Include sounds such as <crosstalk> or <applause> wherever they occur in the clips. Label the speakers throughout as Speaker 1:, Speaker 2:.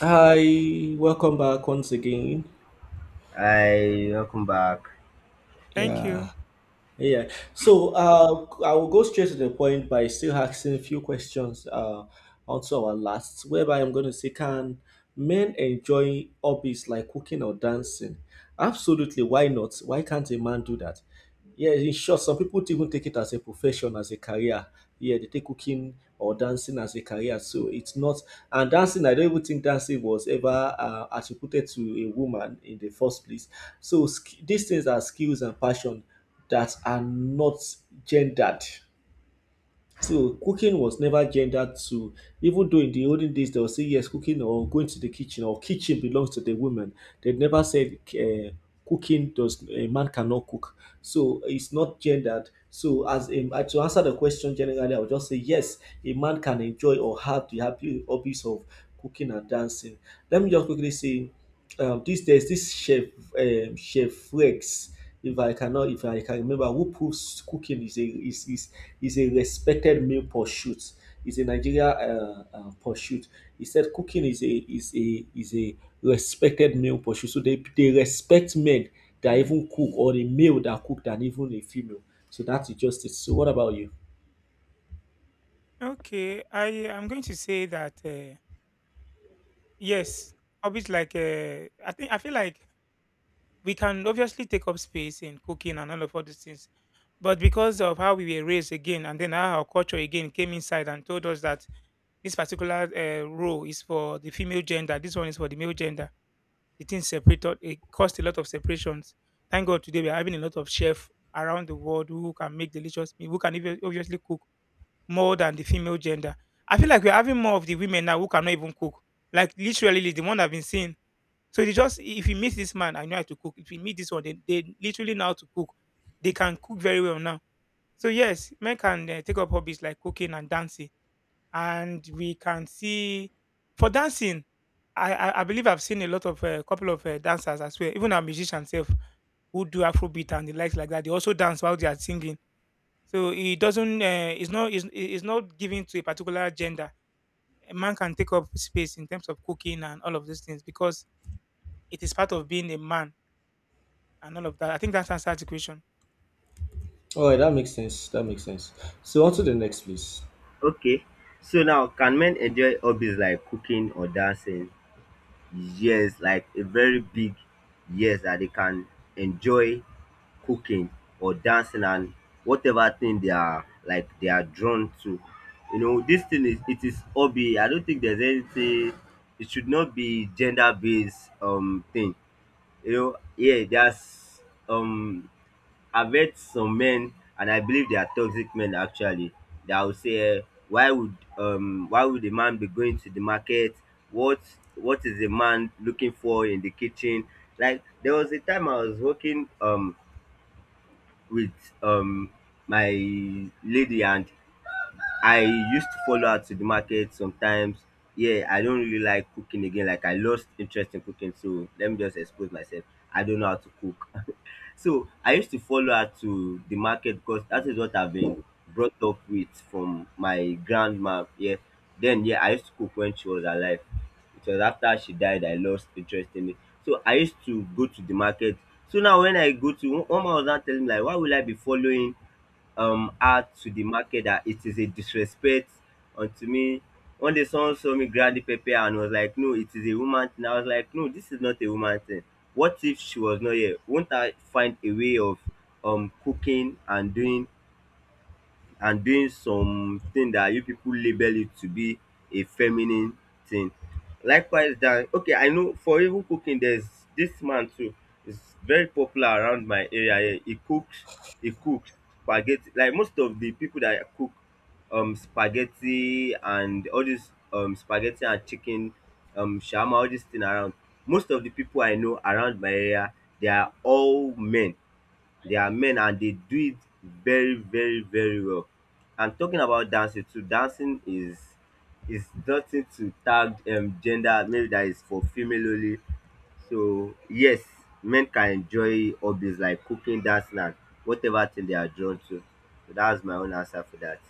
Speaker 1: Hi, welcome back once again.
Speaker 2: Hi, welcome back.
Speaker 3: Thank you.
Speaker 1: Yeah, yeah. I will go straight to the point by still asking a few questions, onto our last, whereby I'm going to say, can men enjoy hobbies like cooking or dancing? Absolutely, why not? Why can't a man do that? Yes, in short, some people to even take it as a profession, as a career. Yeah, they take cooking or dancing as a career. So it's not, and dancing, I don't even think dancing was ever attributed to a woman in the first place. So these things are skills and passion that are not gendered. So cooking was never gendered to, even though in the olden days they would say yes, cooking or going to the kitchen or kitchen belongs to the women. They never said cooking does a man cannot cook. So it's not gendered. So as to answer the question generally, I would just say yes, a man can enjoy or have the happy hobbies of cooking and dancing. Let me just quickly say, this there's this chef Rex. If I can remember, who proves cooking is a respected male pursuit. It's a Nigeria pursuit. He said cooking is a respected male pursuit. So they respect men that even cook or a male that cook than even a female. So that's just it. So what about you?
Speaker 3: Okay, I am going to say that yes, hobbies like I think I feel like we can obviously take up space in cooking and all of all these things, but because of how we were raised again, and then how our culture again came inside and told us that this particular role is for the female gender, this one is for the male gender. The thing separated. It caused a lot of separations. Thank God today we are having a lot of chefs around the world who can make delicious meal, who can even obviously cook more than the female gender. I feel like we're having more of the women now who cannot even cook. Like literally the one I've been seeing. So they just if you meet this man, I know how to cook. If you meet this one, they literally know how to cook. They can cook very well now. So yes, men can take up hobbies like cooking and dancing, and we can see for dancing. I believe I've seen a lot of a couple of dancers as well, even our musicians self who do Afrobeat and the likes like that. They also dance while they are singing so it doesn't. It's not. It's not given to a particular gender. A man can take up space in terms of cooking and all of these things because it is part of being a man and all of that. I think that's answered the question.
Speaker 1: All right, that makes sense. That makes sense. So on to the next, please.
Speaker 2: Okay, so now can men enjoy hobbies like cooking or dancing? Yes, like a very big yes that they can enjoy cooking or dancing and whatever thing they are like they are drawn to. You know, this thing is it is hobby. I don't think there's anything it should not be gender based thing. You know, yeah, there's um I've met some men and I believe they are toxic men actually. That will say, why would the man be going to the market? What what is the man looking for in the kitchen? Like there was a time I was working with um my lady and I used to follow her to the market sometimes. Yeah, I don't really like cooking again. Like I lost interest in cooking, so let me just expose myself. I don't know how to cook. So I used to follow her to the market because that is what I've been brought up with from my grandma. Yeah. Then yeah, I used to cook when she was alive. It was after she died I lost interest in it. So I used to go to the market. So now when I go to one man was now telling me like why will I be following add to the market that it is a disrespect unto me. One day someone saw me grab the pepper and was like, no, it is a woman thing. I was like, no, this is not a woman thing. What if she was not here? Won't I find a way of cooking and doing something that you people label it to be a feminine thing. Likewise that okay I know for even cooking there's this man too is very popular around my area here. He cooks spaghetti like most of the people that cook spaghetti and all this spaghetti and chicken, shawarma, all this thing around most of the people I know around my area they are all men. They are men and they do it very, very, very well. And talking about dancing too, dancing is nothing to tag gender maybe that is for female only. So yes, men can enjoy hobbies like cooking, dancing and whatever thing they are drawn to. So that's my own answer for that.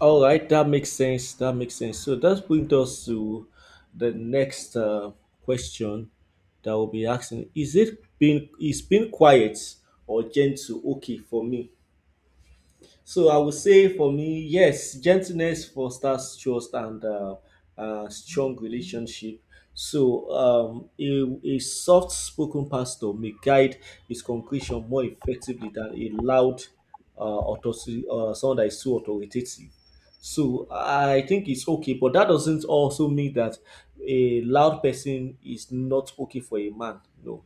Speaker 1: All right, that makes sense. That makes sense. So that brings us to the next question that we'll be asking: Is it being is being quiet or gentle okay for me? So I would say for me, yes, gentleness fosters trust and strong relationship. So a soft spoken pastor may guide his congregation more effectively than a loud uh, someone that is too authoritative. So I think it's okay, but that doesn't also mean that a loud person is not okay for a man. No,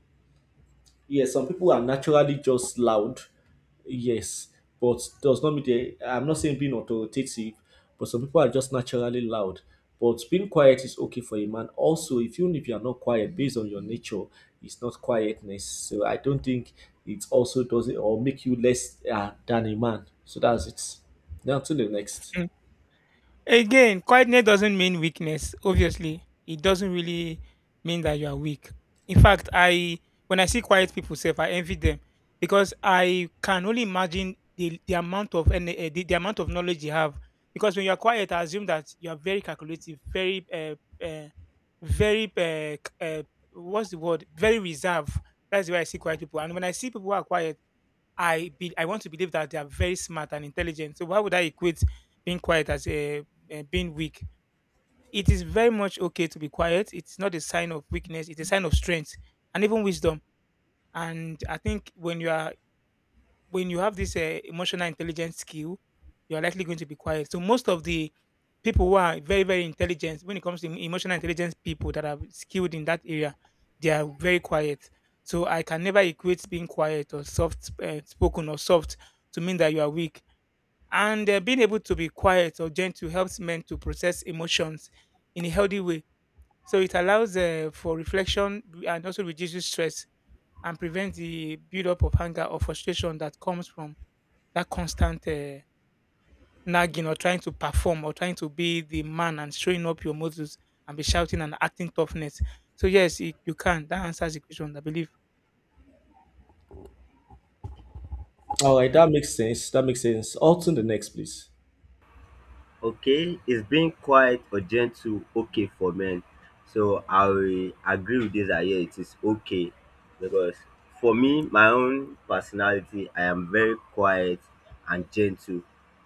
Speaker 1: yes, some people are naturally just loud. Yes, but does not mean they. I'm not saying being authoritative, but some people are just naturally loud. But being quiet is okay for a man. Also, if even if you are not quiet, based on your nature, it's not quietness. So I don't think it also does it or make you less than a man. So that's it. Now to the next.
Speaker 3: Mm. Again, quietness doesn't mean weakness. Obviously, it doesn't really mean that you are weak. In fact, I when I see quiet people, self, I envy them because I can only imagine the amount of and the amount of knowledge you have. Because when you are quiet, I assume that you are very calculative, uh, very uh, what's the word? Very reserved. That's why I see quiet people. And when I see people who are quiet, I want to believe that they are very smart and intelligent. So why would I equate being quiet as being weak? It is very much okay to be quiet. It's not a sign of weakness. It's a sign of strength and even wisdom. And I think when you are when you have this emotional intelligence skill, you are likely going to be quiet. So most of the people who are very very intelligent when it comes to emotional intelligence people that are skilled in that area, they are very quiet. So I can never equate being quiet or soft spoken or soft to mean that you are weak. And being able to be quiet or gentle helps men to process emotions in a healthy way. So it allows for reflection and also reduces stress and prevents the buildup of anger or frustration that comes from that constant nagging or trying to perform or trying to be the man and showing up your muscles and be shouting and acting toughness. So yes, it, you can. That answers the question, I believe.
Speaker 1: All right, that makes sense. That makes sense. On to the next, please.
Speaker 2: Okay, is being quiet or gentle okay for men? So I will agree with this that yeah, it is okay because for me, my own personality, I am very quiet and gentle.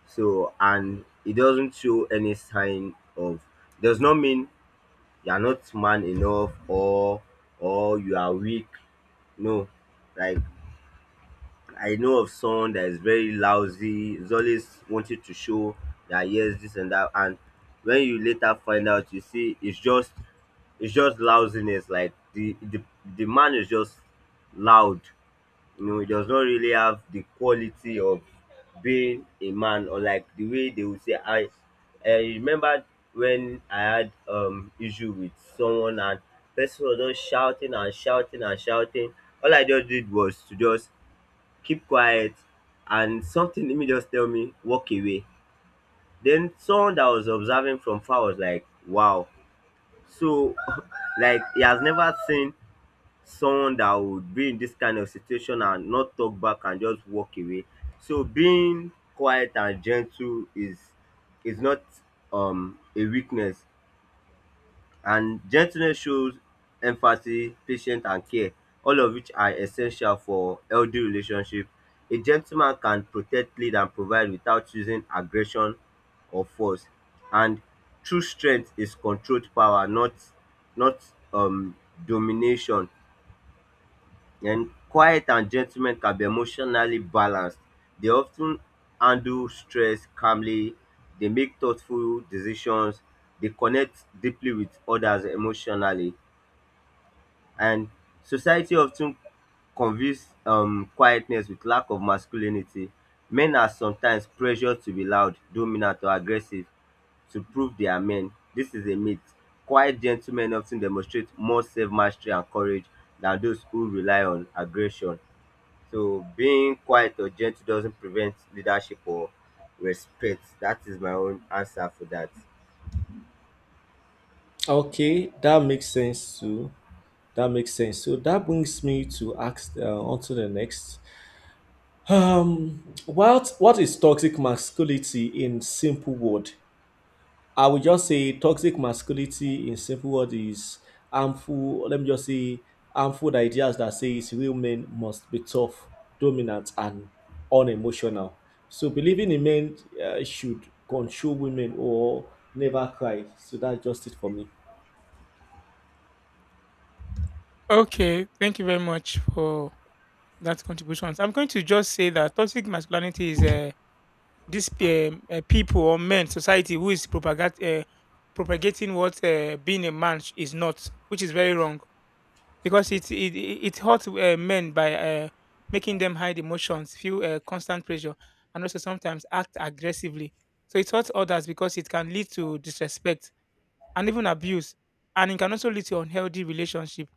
Speaker 2: So and it doesn't show any sign of does not mean you are not man enough or you are weak. No, like I know of someone that is very lousy, is always wanting to show that yes, this and that, and when you later find out, you see it's just lousiness. Like the man is just loud. You know, he does not really have the quality of being a man, or like the way they would say. I remember when I had issue with someone and person was just shouting and shouting and shouting. All I just did was to just keep quiet and something let me just tell me walk away, then someone that was observing from far was like wow so <laughs> like he has never seen someone that would be in this kind of situation and not talk back and just walk away. So being quiet and gentle is not a weakness, and gentleness shows empathy, patience and care, all of which are essential for healthy relationship. A gentleman can protect, lead and provide without using aggression or force. And true strength is controlled power, not um domination. And quiet and gentlemen can be emotionally balanced. They often handle stress calmly, they make thoughtful decisions, they connect deeply with others emotionally. And society often confuse quietness with lack of masculinity. Men are sometimes pressured to be loud, dominant, or aggressive to prove they are men. This is a myth. Quiet gentlemen often demonstrate more self mastery and courage than those who rely on aggression. So being quiet or gentle doesn't prevent leadership or respect. That is my own answer for that.
Speaker 1: Okay, that makes sense too. That makes sense. So that brings me to ask on to the next. What is toxic masculinity in simple word? I would just say toxic masculinity in simple word is harmful. Let me just say harmful ideas that says real men must be tough, dominant, and unemotional. So believing in men should control women or never cry. So that's just it for me.
Speaker 3: Okay, thank you very much for that contribution. I'm going to just say that toxic masculinity is this people or men society who is propagating what being a man is not, which is very wrong because it hurts men by making them hide emotions, feel constant pressure, and also sometimes act aggressively. So it hurts others because it can lead to disrespect and even abuse, and it can also lead to unhealthy relationship.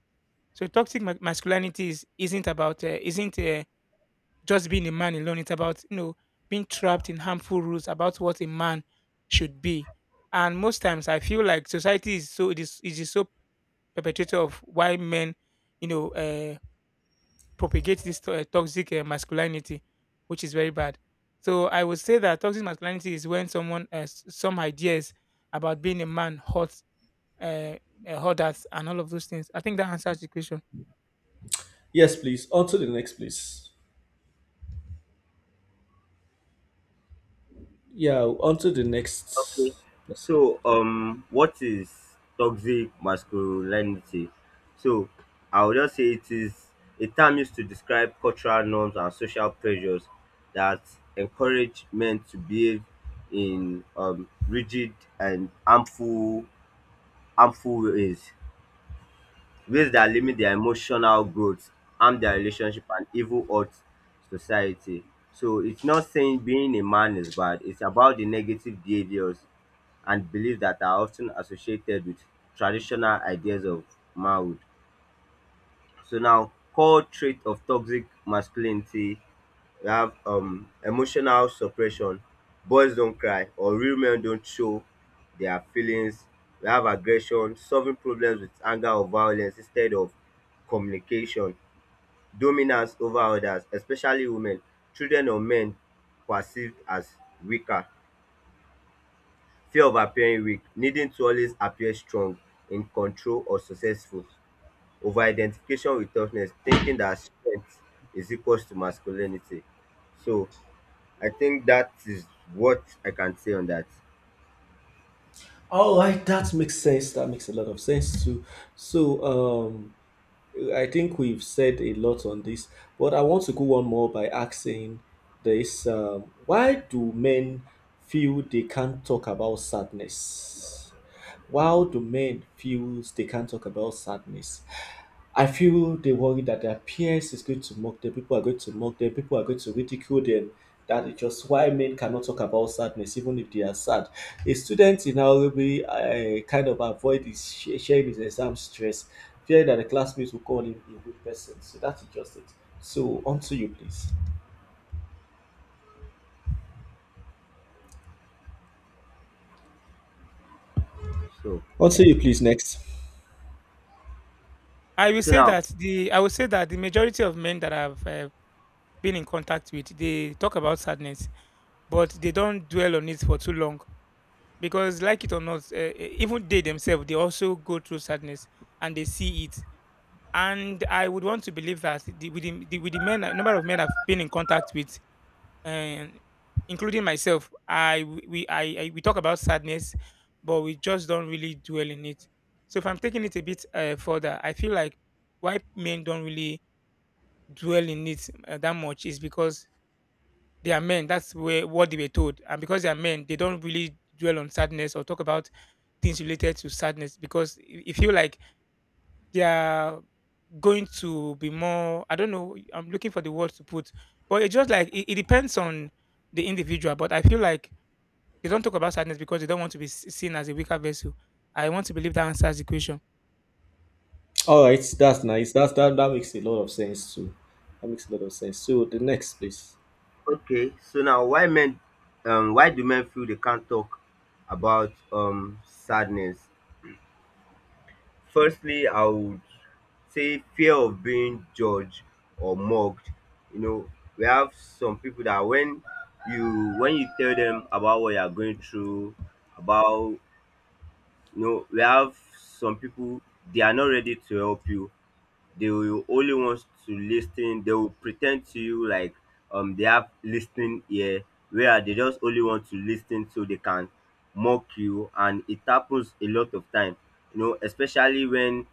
Speaker 3: So toxic masculinity isn't about isn't just being a man alone. It's about you know being trapped in harmful rules about what a man should be. And most times, I feel like society is so it is so perpetrator of why men, you know, propagate this toxic masculinity, which is very bad. So I would say that toxic masculinity is when someone some ideas about being a man hot, uh, hot that and all of those things. I think that answers the question.
Speaker 1: Yes, please. On to the next, please. Yeah, on to the
Speaker 2: Okay.
Speaker 1: next person.
Speaker 2: So what is toxic masculinity? So I would just say it is a term used to describe cultural norms and social pressures that encourage men to behave in rigid and harmful ways. Ways that limit their emotional growth, harm their relationship, and even hurt society. So it's not saying being a man is bad, it's about the negative behaviors and beliefs that are often associated with traditional ideas of manhood. So now, core trait of toxic masculinity we have emotional suppression, boys don't cry or real men don't show their feelings. We have aggression, solving problems with anger or violence instead of communication, dominance over others, especially women, children or men perceived as weaker, fear of appearing weak, needing to always appear strong, in control or successful, over identification with toughness, thinking that strength is equals to masculinity. So I think that is what I can say on that.
Speaker 1: All right, that makes sense. That makes a lot of sense too. So, I think we've said a lot on this, but I want to go one more by asking this: Why do men feel they can't talk about sadness? Why do men feel they can't talk about sadness? I feel they worry that their peers is going to mock them, people are going to mock them, people are going to ridicule them. That is just why men cannot talk about sadness, even if they are sad. A student in Nairobi kind of avoid his sharing his exam stress, fearing that the classmates will call him a weak person. So that's just it. So on to you, please.
Speaker 2: So,
Speaker 1: On to you, please. Next.
Speaker 2: so now,
Speaker 3: I will say that the majority of men that I've been in contact with, they talk about sadness, but they don't dwell on it for too long because, like it or not, even they themselves they also go through sadness and they see it. And I would want to believe that with the men, number of men I've been in contact with, uh, including myself, I we talk about sadness, but we just don't really dwell in it. So if I'm taking it a bit further, I feel like why men don't really dwell in it that much is because they are men. That's where what they were told, and because they are men, they don't really dwell on sadness or talk about things related to sadness because you feel like they are going to be more. I don't know, I'm looking for the words to put, but it just like it depends on the individual. But I feel like they don't talk about sadness because they don't want to be seen as a weaker vessel. I want to believe that answers the question.
Speaker 1: All right, that's nice. That's that. That makes a lot of sense too. That makes a lot of sense. So the next, please.
Speaker 2: okay, so now, why men, why do men feel they can't talk about sadness? Firstly, I would say fear of being judged or mocked. You know, we have some people that when you tell them about what you are going through, about you know, we have some people they are not ready to help you, they will only want to listen, they will pretend to you like they have listening ear, where they just only want to listen so they can mock you, and it happens a lot of time. You know, especially when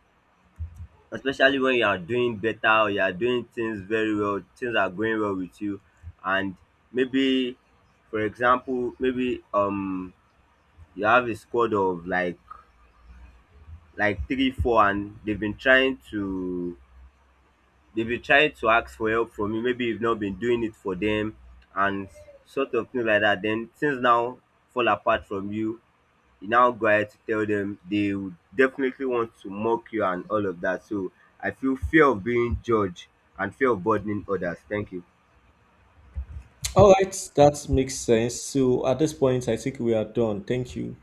Speaker 2: especially when you are doing better or you are doing things very well, things are going well with you, and maybe for example maybe you have a squad of like three four and they've been trying to they will try to ask for help from you. Maybe you've not been doing it for them and sort of thing like that. Then things now fall apart from you. You now go ahead to tell them they would definitely want to mock you and all of that. So I feel fear of being judged and fear of burdening others. Thank you.
Speaker 1: All right, that makes sense. So at this point, I think we are done. Thank you.